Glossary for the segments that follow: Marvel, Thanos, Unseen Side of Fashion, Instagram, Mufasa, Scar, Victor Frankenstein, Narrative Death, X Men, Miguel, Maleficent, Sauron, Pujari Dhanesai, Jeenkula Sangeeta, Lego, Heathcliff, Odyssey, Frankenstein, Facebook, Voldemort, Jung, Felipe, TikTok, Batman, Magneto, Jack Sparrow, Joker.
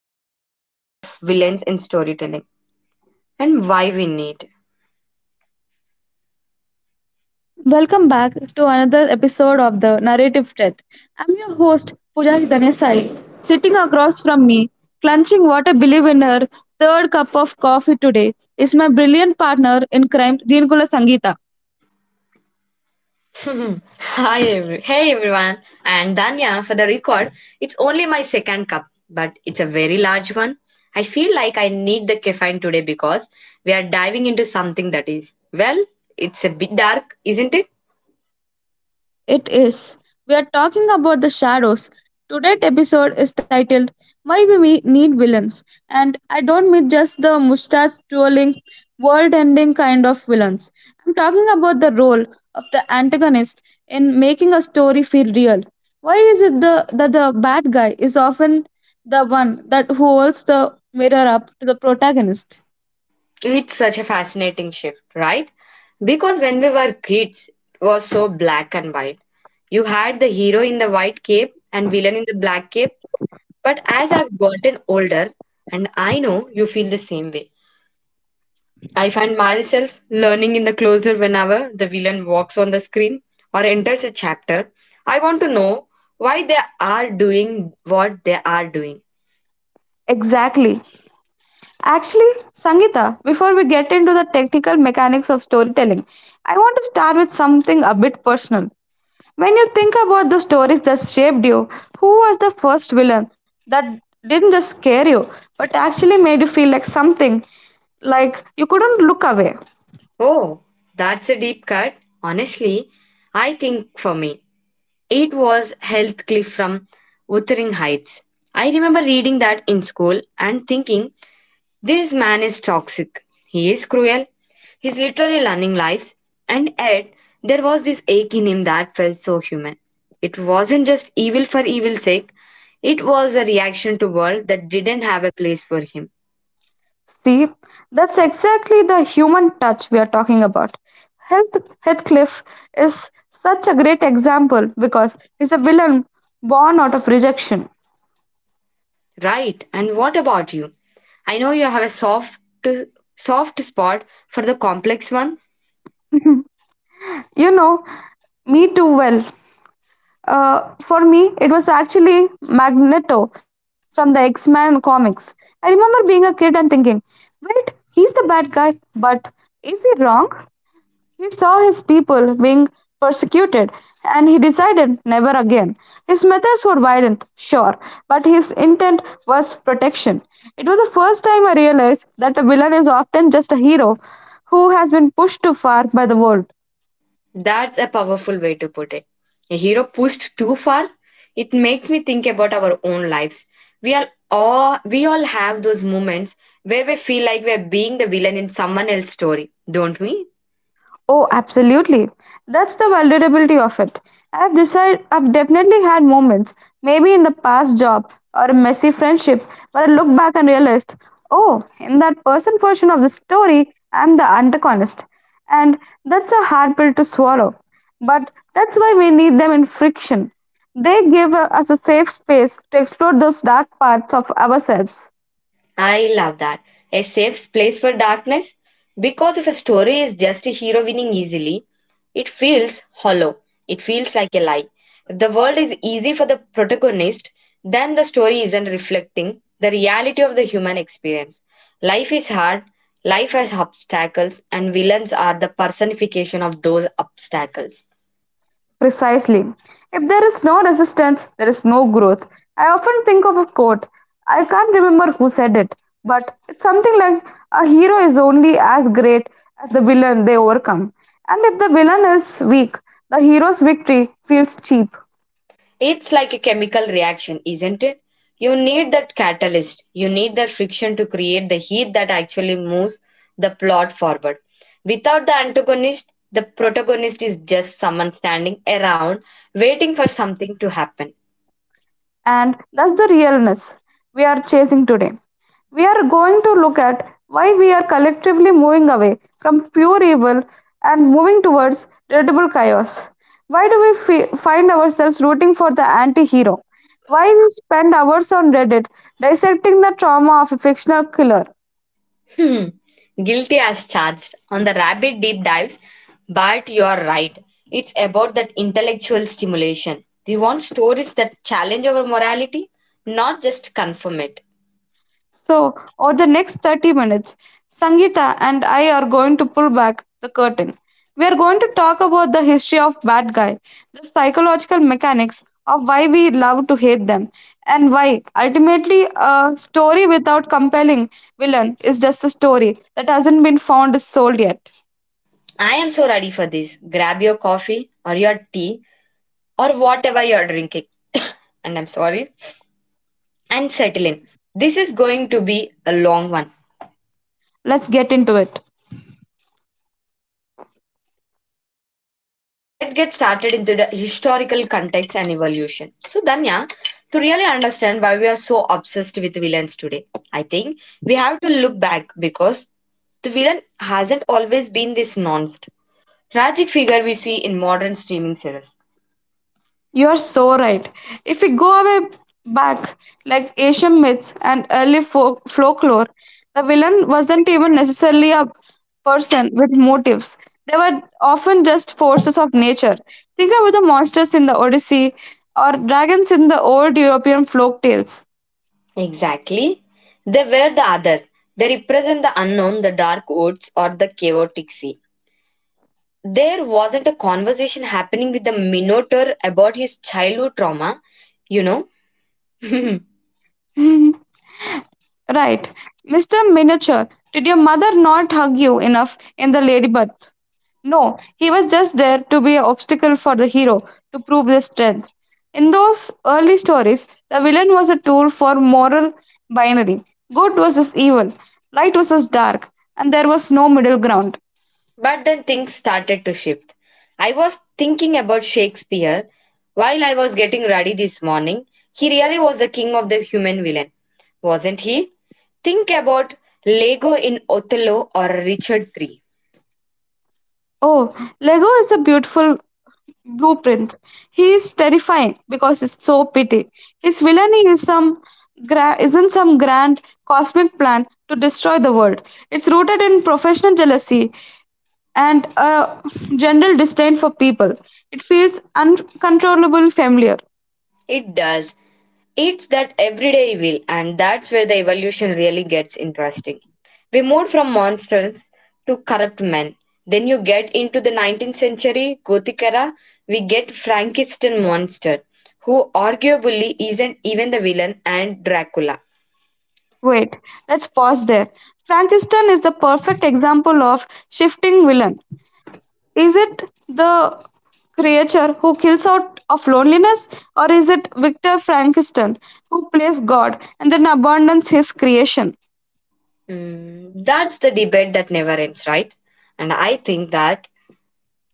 The Necessity of Villains in Storytelling and Why We Need. Welcome back to another episode of the Narrative Death. I'm your host, Pujari Dhanesai. Sitting across from me, clenching what I believe in her third cup of coffee today, is my brilliant partner in crime, Jeenkula Sangeeta. Hi, hey, everyone. And Danya, for the record, it's only my second cup, but it's a very large one. I feel like I need the caffeine today because we are diving into something that is, it's a bit dark, isn't it? It is. We are talking about the shadows. Today's episode is titled Why We Need Villains. And I don't mean just the mustache twirling, world ending kind of villains. I'm talking about the role of the antagonist in making a story feel real. Why is that the bad guy is often the one that holds the mirror up to the protagonist? It's such a fascinating shift, right? Because when we were kids, it was so black and white. You had the hero in the white cape and villain in the black cape. But as I've gotten older, and I know you feel the same way, I find myself learning in the closer whenever the villain walks on the screen or enters a chapter. I want to know why they are doing what they are doing. Exactly. Actually, Sangeeta, before we get into the technical mechanics of storytelling, I want to start with something a bit personal. When you think about the stories that shaped you, who was the first villain that didn't just scare you, but actually made you feel like something, like you couldn't look away? Oh, that's a deep cut. Honestly, I think for me, it was Heathcliff from Wuthering Heights. I remember reading that in school and thinking, this man is toxic. He is cruel. He's literally learning lives. And yet, there was this ache in him that felt so human. It wasn't just evil for evil's sake. It was a reaction to world that didn't have a place for him. See, that's exactly the human touch we are talking about. Heathcliff is such a great example because he's a villain born out of rejection. Right. And what about you? I know you have a soft spot for the complex one. You know, me too well. For me, it was actually Magneto from the X Men comics. I remember being a kid and thinking, wait, he's the bad guy, but is he wrong? He saw his people being persecuted and he decided never again. His methods were violent, sure, but his intent was protection. It was the first time I realized that a villain is often just a hero who has been pushed too far by the world. That's a powerful way to put it. A hero pushed too far, it makes me think about our own lives. We all have those moments where we feel like we're being the villain in someone else's story, don't we? Oh, absolutely. That's the vulnerability of it. I've definitely had moments, maybe in the past job or a messy friendship, where I look back and realized, oh, in that person version of the story, I'm the antagonist. And that's a hard pill to swallow. But that's why we need them in friction. They give us a safe space to explore those dark parts of ourselves. I love that. A safe place for darkness. Because if a story is just a hero winning easily, it feels hollow. It feels like a lie. If the world is easy for the protagonist, then the story isn't reflecting the reality of the human experience. Life is hard, life has obstacles, and villains are the personification of those obstacles. Precisely. If there is no resistance, there is no growth. I often think of a quote. I can't remember who said it, but it's something like a hero is only as great as the villain they overcome. And if the villain is weak, the hero's victory feels cheap. It's like a chemical reaction, isn't it? You need that catalyst. You need that friction to create the heat that actually moves the plot forward. Without the antagonist, the protagonist is just someone standing around waiting for something to happen. And that's the realness we are chasing today. We are going to look at why we are collectively moving away from pure evil and moving towards relatable chaos. Why do we find ourselves rooting for the anti hero? Why we spend hours on Reddit dissecting the trauma of a fictional killer? Hmm. Guilty as charged on the rabbit deep dives, but you are right. It's about that intellectual stimulation. We want stories that challenge our morality, not just confirm it. So, over the next 30 minutes, Sangeeta and I are going to pull back the curtain. We are going to talk about the history of bad guy, the psychological mechanics of why we love to hate them, and why ultimately a story without compelling villain is just a story that hasn't been found sold yet. I am so ready for this. Grab your coffee or your tea or whatever you're drinking. And I'm sorry. And settle in. This is going to be a long one. Let's get into it. Let's get started into the historical context and evolution. So, Danya, to really understand why we are so obsessed with villains today, I think we have to look back because the villain hasn't always been this nonst tragic figure we see in modern streaming series. You're so right. If we go away back, like Asian myths and early folklore, the villain wasn't even necessarily a person with motives. They were often just forces of nature. Think about the monsters in the Odyssey or dragons in the old European folk tales. Exactly. They were the other. They represent the unknown, the dark woods, or the chaotic sea. There wasn't a conversation happening with the Minotaur about his childhood trauma, you know. but Right. Mr. Miniature, did your mother not hug you enough in the ladybird? No, he was just there to be an obstacle for the hero, to prove his strength. In those early stories, the villain was a tool for moral binary good versus evil, light versus dark, and there was no middle ground. then things started to shift. I was thinking about Shakespeare while I was getting ready this morning. He really was the king of the human villain, wasn't he? Think about Lego in Othello or Richard III. Oh, Lego is a beautiful blueprint. He is terrifying because it's so petty. His villainy is isn't some grand cosmic plan to destroy the world. It's rooted in professional jealousy and a general disdain for people. It feels uncontrollably familiar. It does. It's that everyday evil, and that's where the evolution really gets interesting. We moved from monsters to corrupt men. Then you get into the 19th century Gothic era, we get Frankenstein monster, who arguably isn't even the villain, and Dracula. Wait, let's pause there. Frankenstein is the perfect example of shifting villain. Is it the creature who kills out of loneliness, or is it Victor Frankenstein who plays God and then abandons his creation? Mm, that's the debate that never ends, right? And I think that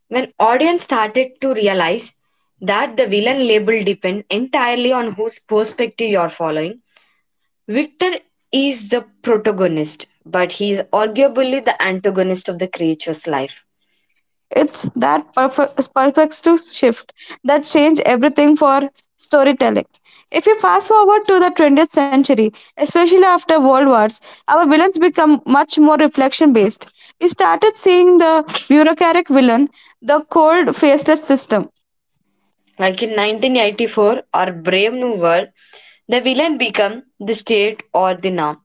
when audience started to realize that the villain label depends entirely on whose perspective you're following, Victor is the protagonist, but he is arguably the antagonist of the creature's life. It's that perspective shift that changed everything for storytelling. If we fast forward to the 20th century, especially after World Wars, our villains become much more reflection based. We started seeing the bureaucratic villain, the cold, faceless system, Like in 1984 or Brave New World, the villain became the state or the norm.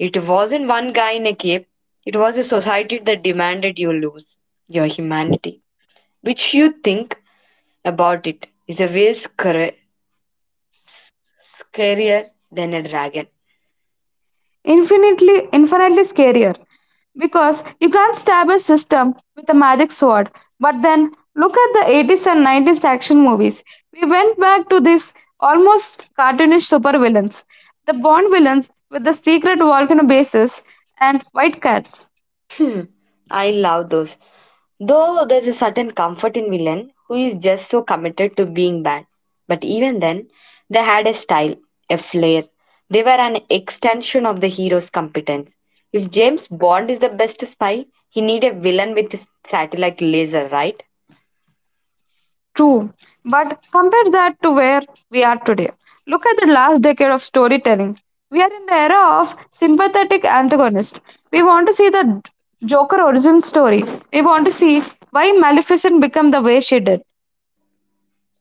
It wasn't one guy in a cape, it was a society that demanded you lose your humanity. Which you think about it is a way scarier than a dragon. infinitely scarier because you can't stab a system with a magic sword, but then look at the 80s and 90s action movies. We went back to this almost cartoonish supervillains, the bond villains with the secret volcano bases and white cats. Hmm, I love those. Though there's a certain comfort in villain who is just so committed to being bad. But even then, they had a style, a flair. They were an extension of the hero's competence. If James Bond is the best spy, he need a villain with his satellite laser, right? True, but compare that to where we are today. Look at the last decade of storytelling. We are in the era of sympathetic antagonist. We want to see the Joker origin story. We want to see why Maleficent became the way she did.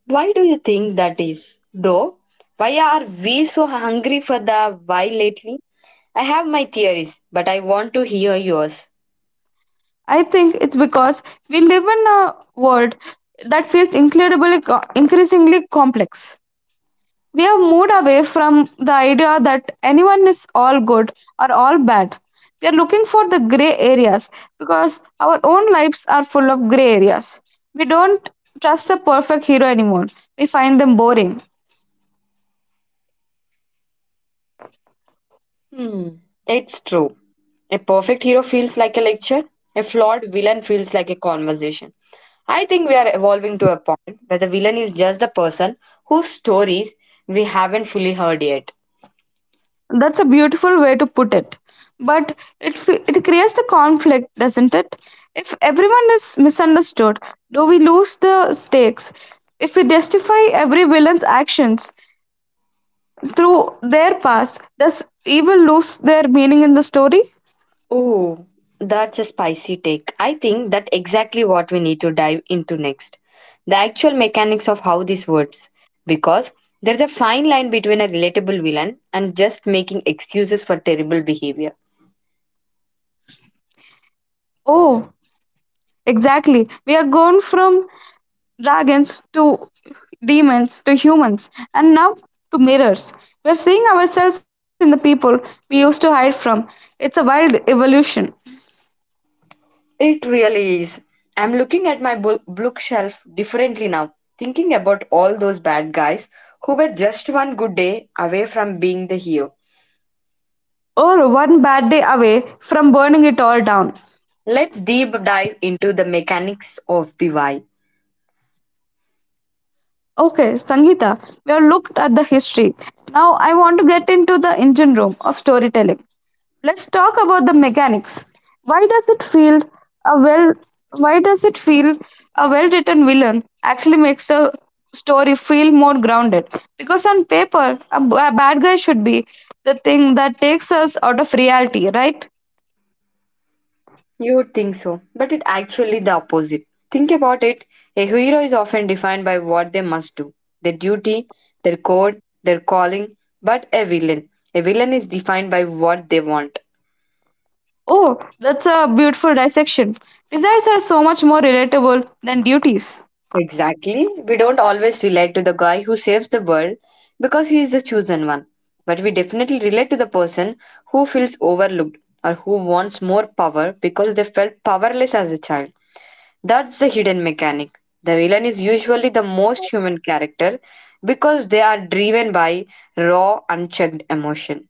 Why do you think that is? Though, why are we so hungry for the why lately? I have my theories, but I want to hear yours. I think it's because we live in a world that feels increasingly complex. We have moved away from the idea that anyone is all good or all bad. We are looking for the gray areas because our own lives are full of gray areas. We don't trust the perfect hero anymore. We find them boring. Hmm, it's true. A perfect hero feels like a lecture, a flawed villain feels like a conversation. I think we are evolving to a point where the villain is just the person whose stories we haven't fully heard yet. That's a beautiful way to put it. But it creates the conflict, doesn't it? If everyone is misunderstood, do we lose the stakes? If we justify every villain's actions, through their past. Does evil lose their meaning in the story? Oh, that's a spicy take. I think that's exactly what we need to dive into next. The actual mechanics of how this works. Because there's a fine line between a relatable villain and just making excuses for terrible behavior. Oh, exactly. We are gone from dragons to demons to humans and now to mirrors. We're seeing ourselves in the people we used to hide from. It's a wild evolution. It really is. I'm looking at my bookshelf differently now, thinking about all those bad guys who were just one good day away from being the hero. Or one bad day away from burning it all down. Let's deep dive into the mechanics of the why. Okay, Sangeeta, we have looked at the history. Now I want to get into the engine room of storytelling. Let's talk about the mechanics. Why does it feel a well why does it feel a well written villain actually makes the story feel more grounded? Because on paper, a bad guy should be the thing that takes us out of reality, right? You would think so, but it's actually the opposite. Think about it, a hero is often defined by what they must do, their duty, their code, their calling, but a villain. A villain is defined by what they want. Oh, that's a beautiful dissection. Desires are so much more relatable than duties. Exactly. We don't always relate to the guy who saves the world because he is the chosen one. But we definitely relate to the person who feels overlooked or who wants more power because they felt powerless as a child. That's the hidden mechanic. The villain is usually the most human character because they are driven by raw, unchecked emotion.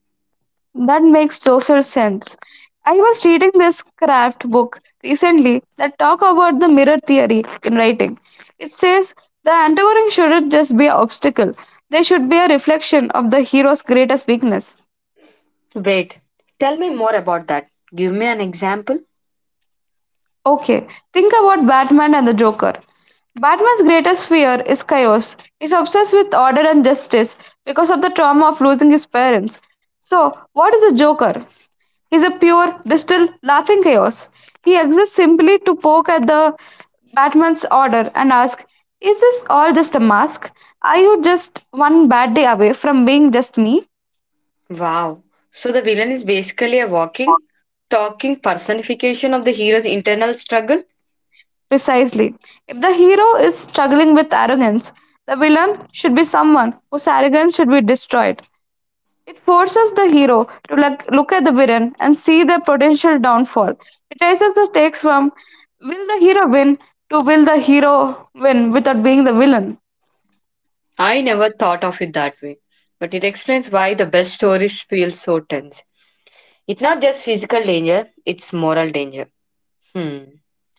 That makes total sense. I was reading this craft book recently that talk about the mirror theory in writing. It says the antagonist shouldn't just be an obstacle. They should be a reflection of the hero's greatest weakness. Wait, tell me more about that. Give me an example. Okay, think about Batman and the Joker. Batman's greatest fear is chaos. He's obsessed with order and justice because of the trauma of losing his parents. So, what is a Joker? He's a pure, distilled, laughing chaos. He exists simply to poke at the Batman's order and ask, is this all just a mask? Are you just one bad day away from being just me? Wow. So the villain is basically a walking, talking personification of the hero's internal struggle? Precisely. If the hero is struggling with arrogance, the villain should be someone whose arrogance should be destroyed. It forces the hero to look at the villain and see their potential downfall. It raises the stakes from will the hero win to will the hero win without being the villain. I never thought of it that way. But it explains why the best stories feel so tense. It's not just physical danger, it's moral danger. Hmm.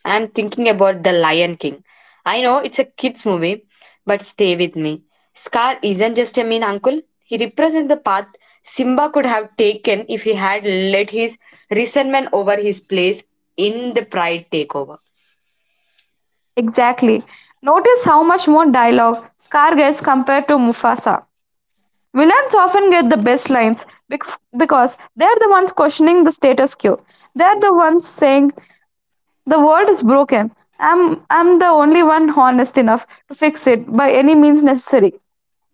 I'm thinking about The Lion King. I know it's a kids' movie, but stay with me. Scar isn't just a mean uncle. He represents the path Simba could have taken if he had let his resentment over his place in the pride take over. Exactly. Notice how much more dialogue Scar gets compared to Mufasa. Villains often get the best lines because they're the ones questioning the status quo. They're the ones saying, the world is broken. I'm the only one honest enough to fix it by any means necessary.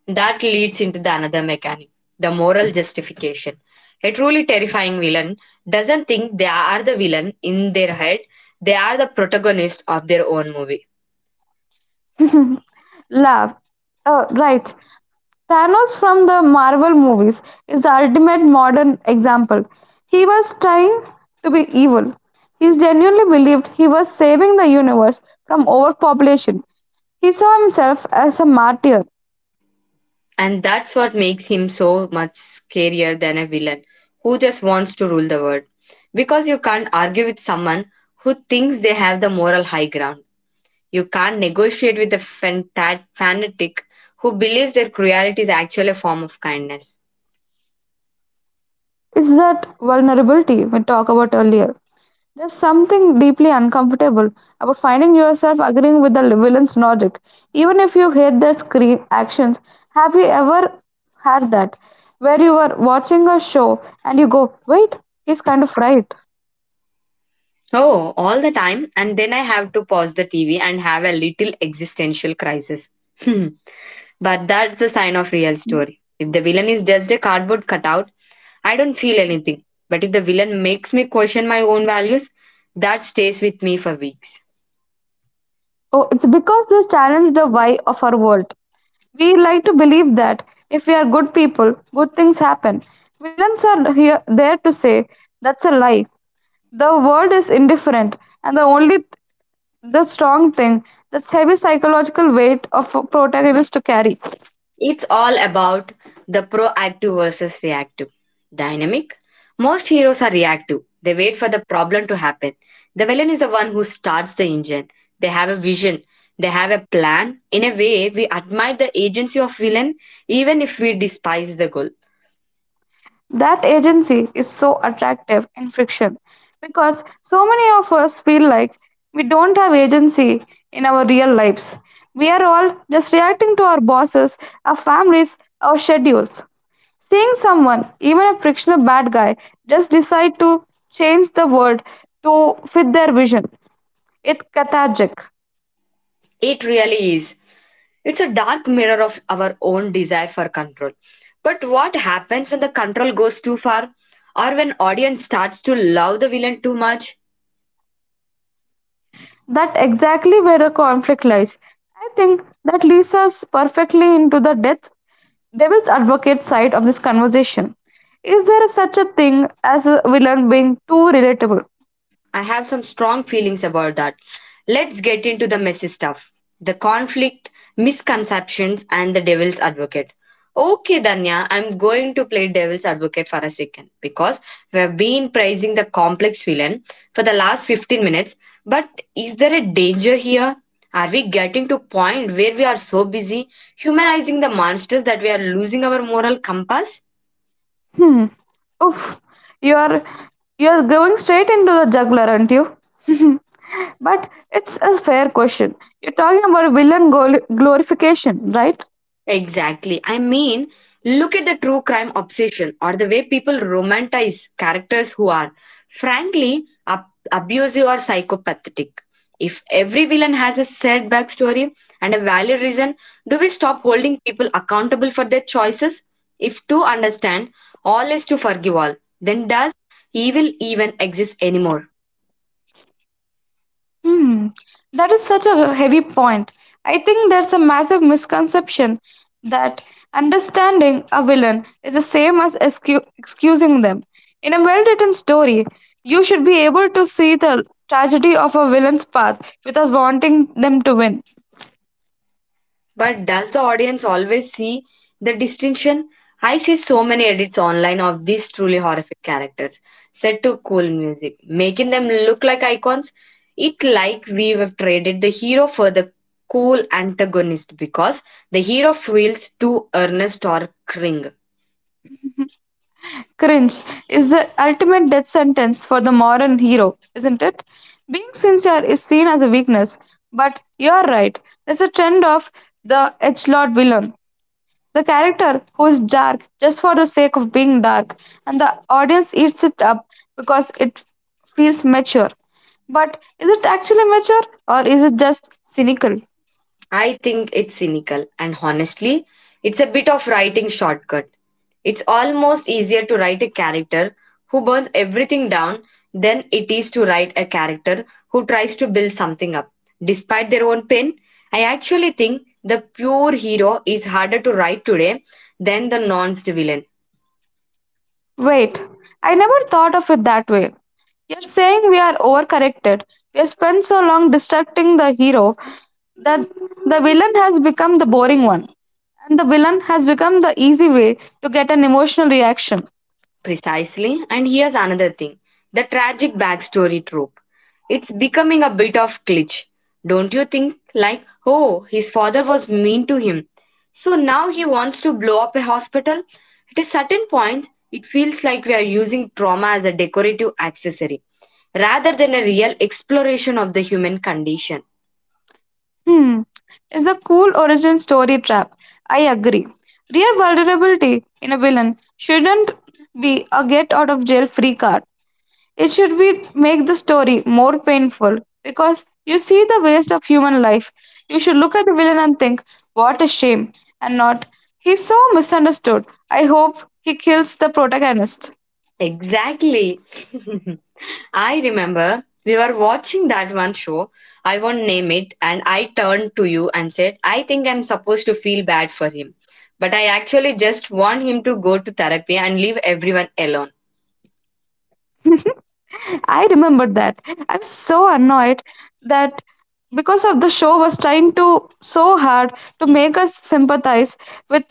That leads into the another mechanic, the moral justification. A truly terrifying villain doesn't think they are the villain in their head, they are the protagonist of their own movie. Love. Right. Thanos from the Marvel movies is the ultimate modern example. He was trying to be evil. He genuinely believed he was saving the universe from overpopulation. He saw himself as a martyr. And that's what makes him so much scarier than a villain who just wants to rule the world. Because you can't argue with someone who thinks they have the moral high ground. You can't negotiate with a fanatic who believes their cruelty is actually a form of kindness. It's that vulnerability we talked about earlier. There's something deeply uncomfortable about finding yourself agreeing with the villain's logic, even if you hate their screen actions. Have you ever had that? Where you were watching a show and you go, wait, he's kind of right. Oh, all the time. And then I have to pause the TV and have a little existential crisis. but that's a sign of real story. If the villain is just a cardboard cutout, I don't feel anything. But if the villain makes me question my own values, that stays with me for weeks. Oh, it's because this challenged the why of our world. We like to believe that if we are good people, good things happen. Villains are here there to say that's a lie. The world is indifferent, and the only the strong thing, that's heavy psychological weight of a protagonist to carry. It's all about the proactive versus reactive dynamic. Most heroes are reactive. They wait for the problem to happen. The villain is the one who starts the engine. They have a vision. They have a plan. In a way, we admire the agency of villain even if we despise the goal. That agency is so attractive in fiction because so many of us feel like we don't have agency in our real lives. We are all just reacting to our bosses, our families, our schedules. Seeing someone, even a fictional bad guy, just decide to change the world to fit their vision, it's cathartic. It really is. It's a dark mirror of our own desire for control. But what happens when the control goes too far or when audience starts to love the villain too much? That exactly where the conflict lies. I think that leads us perfectly into the death devil's advocate side of this conversation. Is there such a thing as a villain being too relatable? I have some strong feelings about that. Let's get into the messy stuff, the conflict, misconceptions, and the devil's advocate. Okay, Danya, I'm going to play devil's advocate for a second because we have been praising the complex villain for the last 15 minutes. But is there a danger here? Are we getting to a point where we are so busy humanizing the monsters that we are losing our moral compass? Hmm. Oof. You're you're going straight into the juggler, aren't you? But it's a fair question. You're talking about villain glorification, right? Exactly. I mean, look at the true crime obsession or the way people romanticize characters who are, frankly, abusive or psychopathic. If every villain has a sad backstory and a valid reason, do we stop holding people accountable for their choices? If to understand, all is to forgive all, then does evil even exist anymore? Hmm, that is such a heavy point. I think there's a massive misconception that understanding a villain is the same as excusing them. In a well written story, you should be able to see the tragedy of a villain's path without wanting them to win. But does the audience always see the distinction? I see so many edits online of these truly horrific characters set to cool music, making them look like icons. It like we have traded the hero for the cool antagonist because the hero feels too earnest or cring. Cringe is the ultimate death sentence for the modern hero, isn't it? Being sincere is seen as a weakness, but you're right. There's a trend of the edgelord villain. The character, who is dark just for the sake of being dark, and the audience eats it up because it feels mature. But is it actually mature or is it just cynical? I think it's cynical, and honestly, it's a bit of writing shortcut. It's almost easier to write a character who burns everything down than it is to write a character who tries to build something up. Despite their own pain, I actually think the pure hero is harder to write today than the nuanced villain. Wait, I never thought of it that way. You're saying we are overcorrected. We have spent so long distracting the hero that the villain has become the boring one, and the villain has become the easy way to get an emotional reaction. Precisely. And here's another thing: the tragic backstory trope. It's becoming a bit of glitch. Don't you think? Like, oh, his father was mean to him, so now he wants to blow up a hospital? At a certain point, it feels like we are using trauma as a decorative accessory rather than a real exploration of the human condition. Hmm, is a cool origin story trap. I agree. Real vulnerability in a villain shouldn't be a get out of jail free card. It should be make the story more painful because you see the waste of human life. You should look at the villain and think, what a shame, and not, he's so misunderstood. I hope he kills the protagonist. Exactly. I remember we were watching that one show. I won't name it, and I turned to you and said, I think I'm supposed to feel bad for him, but I actually just want him to go to therapy and leave everyone alone. I remember that. I was so annoyed that because of the show was trying to so hard to make us sympathize with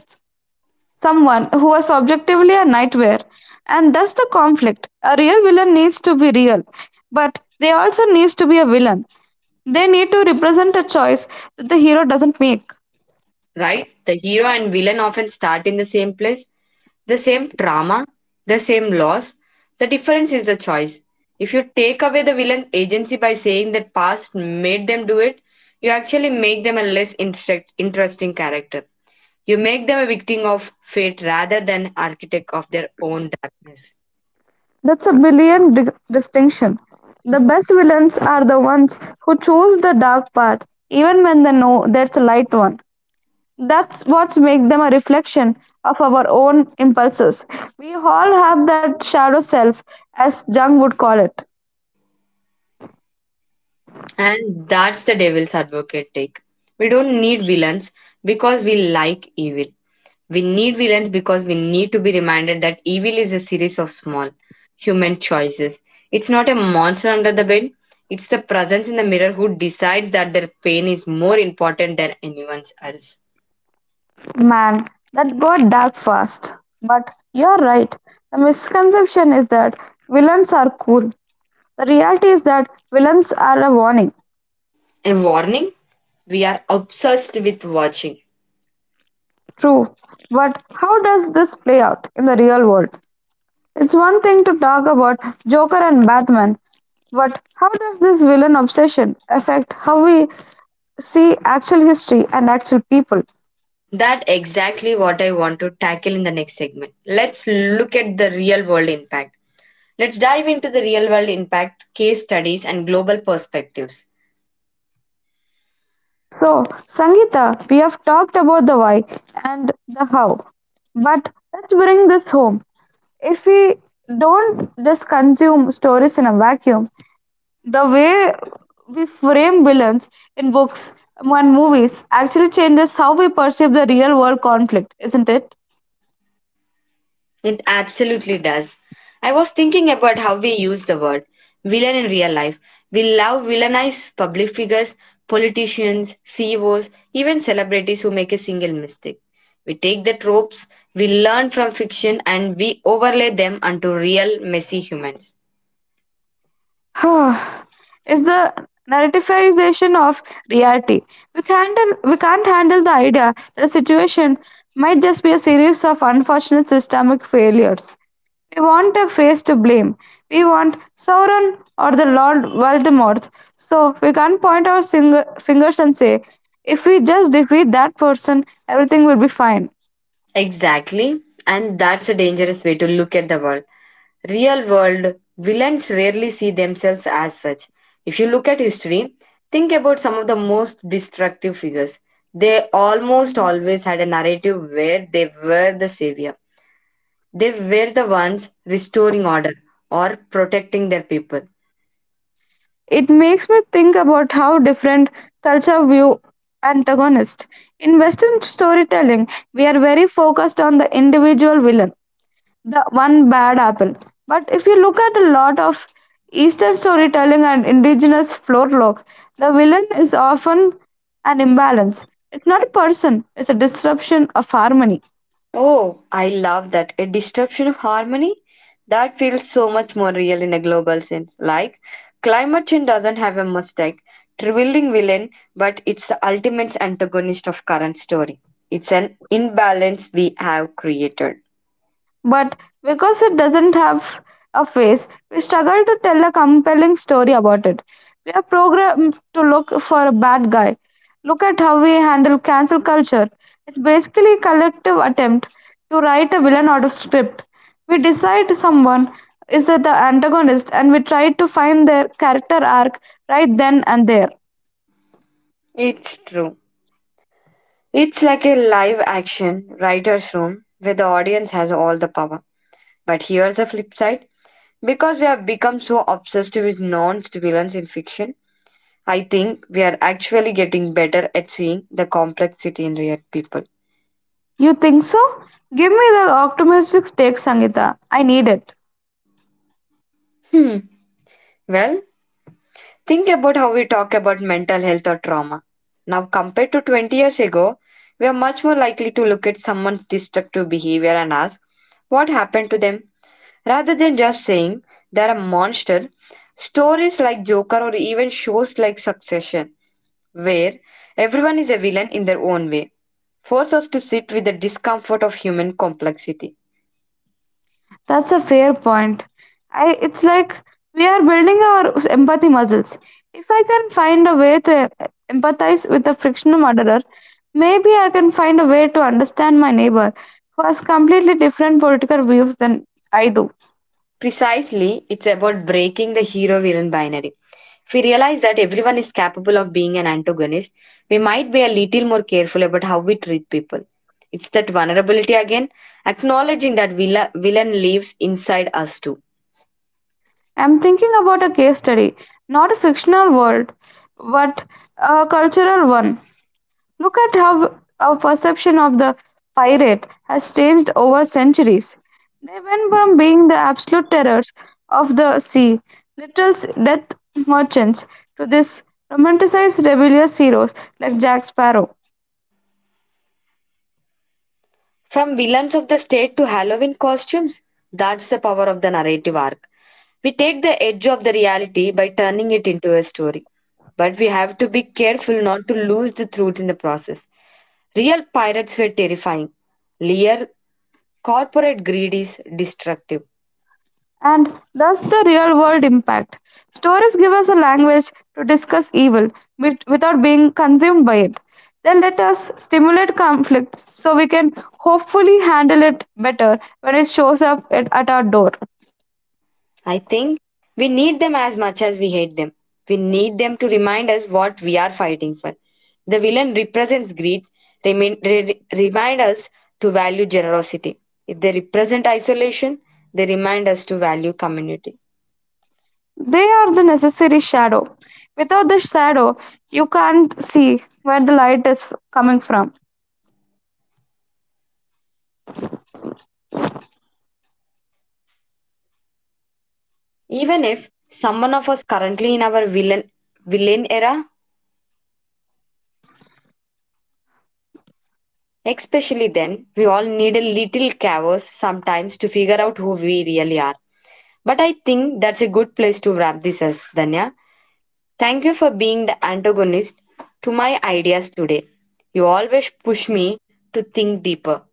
someone who was objectively a nightmare. And that's the conflict. A real villain needs to be real, but they also needs to be a villain. They need to represent a choice that the hero doesn't make. Right? The hero and villain often start in the same place, the same trauma, the same loss. The difference is the choice. If you take away the villain's agency by saying that past made them do it, you actually make them a less interesting character. You make them a victim of fate rather than architect of their own darkness. That's a brilliant distinction. The best villains are the ones who choose the dark path even when they know there's a light one. That's what makes them a reflection of our own impulses. We all have that shadow self, as Jung would call it. And that's the devil's advocate take. We don't need villains because we like evil. We need villains because we need to be reminded that evil is a series of small human choices. It's not a monster under the bed. It's the presence in the mirror who decides that their pain is more important than anyone else. Man, that got dark fast. But you're right. The misconception is that villains are cool. The reality is that villains are a warning. A warning? We are obsessed with watching. True. But how does this play out in the real world? It's one thing to talk about Joker and Batman, but how does this villain obsession affect how we see actual history and actual people? That exactly what I want to tackle in the next segment. Let's look at the real world impact. Let's dive into the real world impact, case studies, and global perspectives. So, Sangeeta, we have talked about the why and the how, but let's bring this home. If we don't just consume stories in a vacuum, the way we frame villains in books and movies actually changes how we perceive the real world conflict, isn't it? It absolutely does. I was thinking about how we use the word villain in real life. We love villainize public figures, politicians, CEOs, even celebrities who make a single mistake. We take the tropes we learn from fiction and we overlay them onto real messy humans. Huh. It's the narrativization of reality. We can't handle the idea that a situation might just be a series of unfortunate systemic failures. We want a face to blame. We want Sauron or the Lord Voldemort. So we can't point our fingers and say, if we just defeat that person, everything will be fine. Exactly. And that's a dangerous way to look at the world. Real world villains rarely see themselves as such. If you look at history, think about some of the most destructive figures. They almost always had a narrative where they were the savior. They were the ones restoring order or protecting their people. It makes me think about how different culture view antagonists. In Western storytelling, we are very focused on the individual villain, the one bad apple. But if you look at a lot of Eastern storytelling and indigenous folklore, the villain is often an imbalance. It's not a person, it's a disruption of harmony. Oh, I love that. A disruption of harmony? That feels so much more real in a global sense. Like, climate change doesn't have a mistake, trivialing villain, but it's the ultimate antagonist of current story. It's an imbalance we have created. But because it doesn't have a face, we struggle to tell a compelling story about it. We are programmed to look for a bad guy. Look at how we handle cancel culture. It's basically a collective attempt to write a villain out of script. We decide someone is the antagonist and we try to find their character arc right then and there. It's true. It's like a live action writer's room where the audience has all the power. But here's the flip side. Because we have become so obsessed with non villains in fiction, I think we are actually getting better at seeing the complexity in real people. You think so? Give me the optimistic take, Sangita. I need it. Hmm. Well, think about how we talk about mental health or trauma now, compared to 20 years ago. We are much more likely to look at someone's destructive behavior and ask what happened to them rather than just saying they're a monster. Stories like Joker or even shows like Succession, where everyone is a villain in their own way, force us to sit with the discomfort of human complexity. That's a fair point. I it's like we are building our empathy muscles. If I can find a way to empathize with a fictional murderer, maybe I can find a way to understand my neighbor who has completely different political views than I do. Precisely, it's about breaking the hero villain binary. If we realize that everyone is capable of being an antagonist, we might be a little more careful about how we treat people. It's that vulnerability again, acknowledging that villain lives inside us too. I'm thinking about a case study, not a fictional world, but a cultural one. Look at how our perception of the pirate has changed over centuries. They went from being the absolute terrors of the sea, literal death merchants, to this romanticized rebellious heroes like Jack Sparrow. From villains of the state to Halloween costumes, that's the power of the narrative arc. We take the edge of the reality by turning it into a story. But we have to be careful not to lose the truth in the process. Real pirates were terrifying. Lear corporate greed is destructive. And thus the real world impact. Stories give us a language to discuss evil without being consumed by it. They let us stimulate conflict so we can hopefully handle it better when it shows up at our door. I think we need them as much as we hate them. We need them to remind us what we are fighting for. The villain represents greed, remain, remind us to value generosity. If they represent isolation, they remind us to value community. They are the necessary shadow. Without the shadow, you can't see where the light is coming from. Even if someone of us currently in our villain era. Especially then, we all need a little chaos sometimes to figure out who we really are. But I think that's a good place to wrap this as Danya. Thank you for being the antagonist to my ideas today. You always push me to think deeper.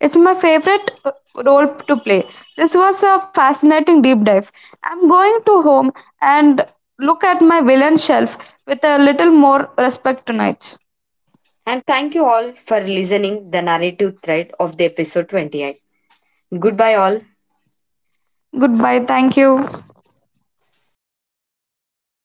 It's my favorite role to play. This was a fascinating deep dive. I'm going to home and look at my villain shelf with a little more respect tonight. And thank you all for listening the narrative thread of the episode 28. Goodbye all. Goodbye. Thank you.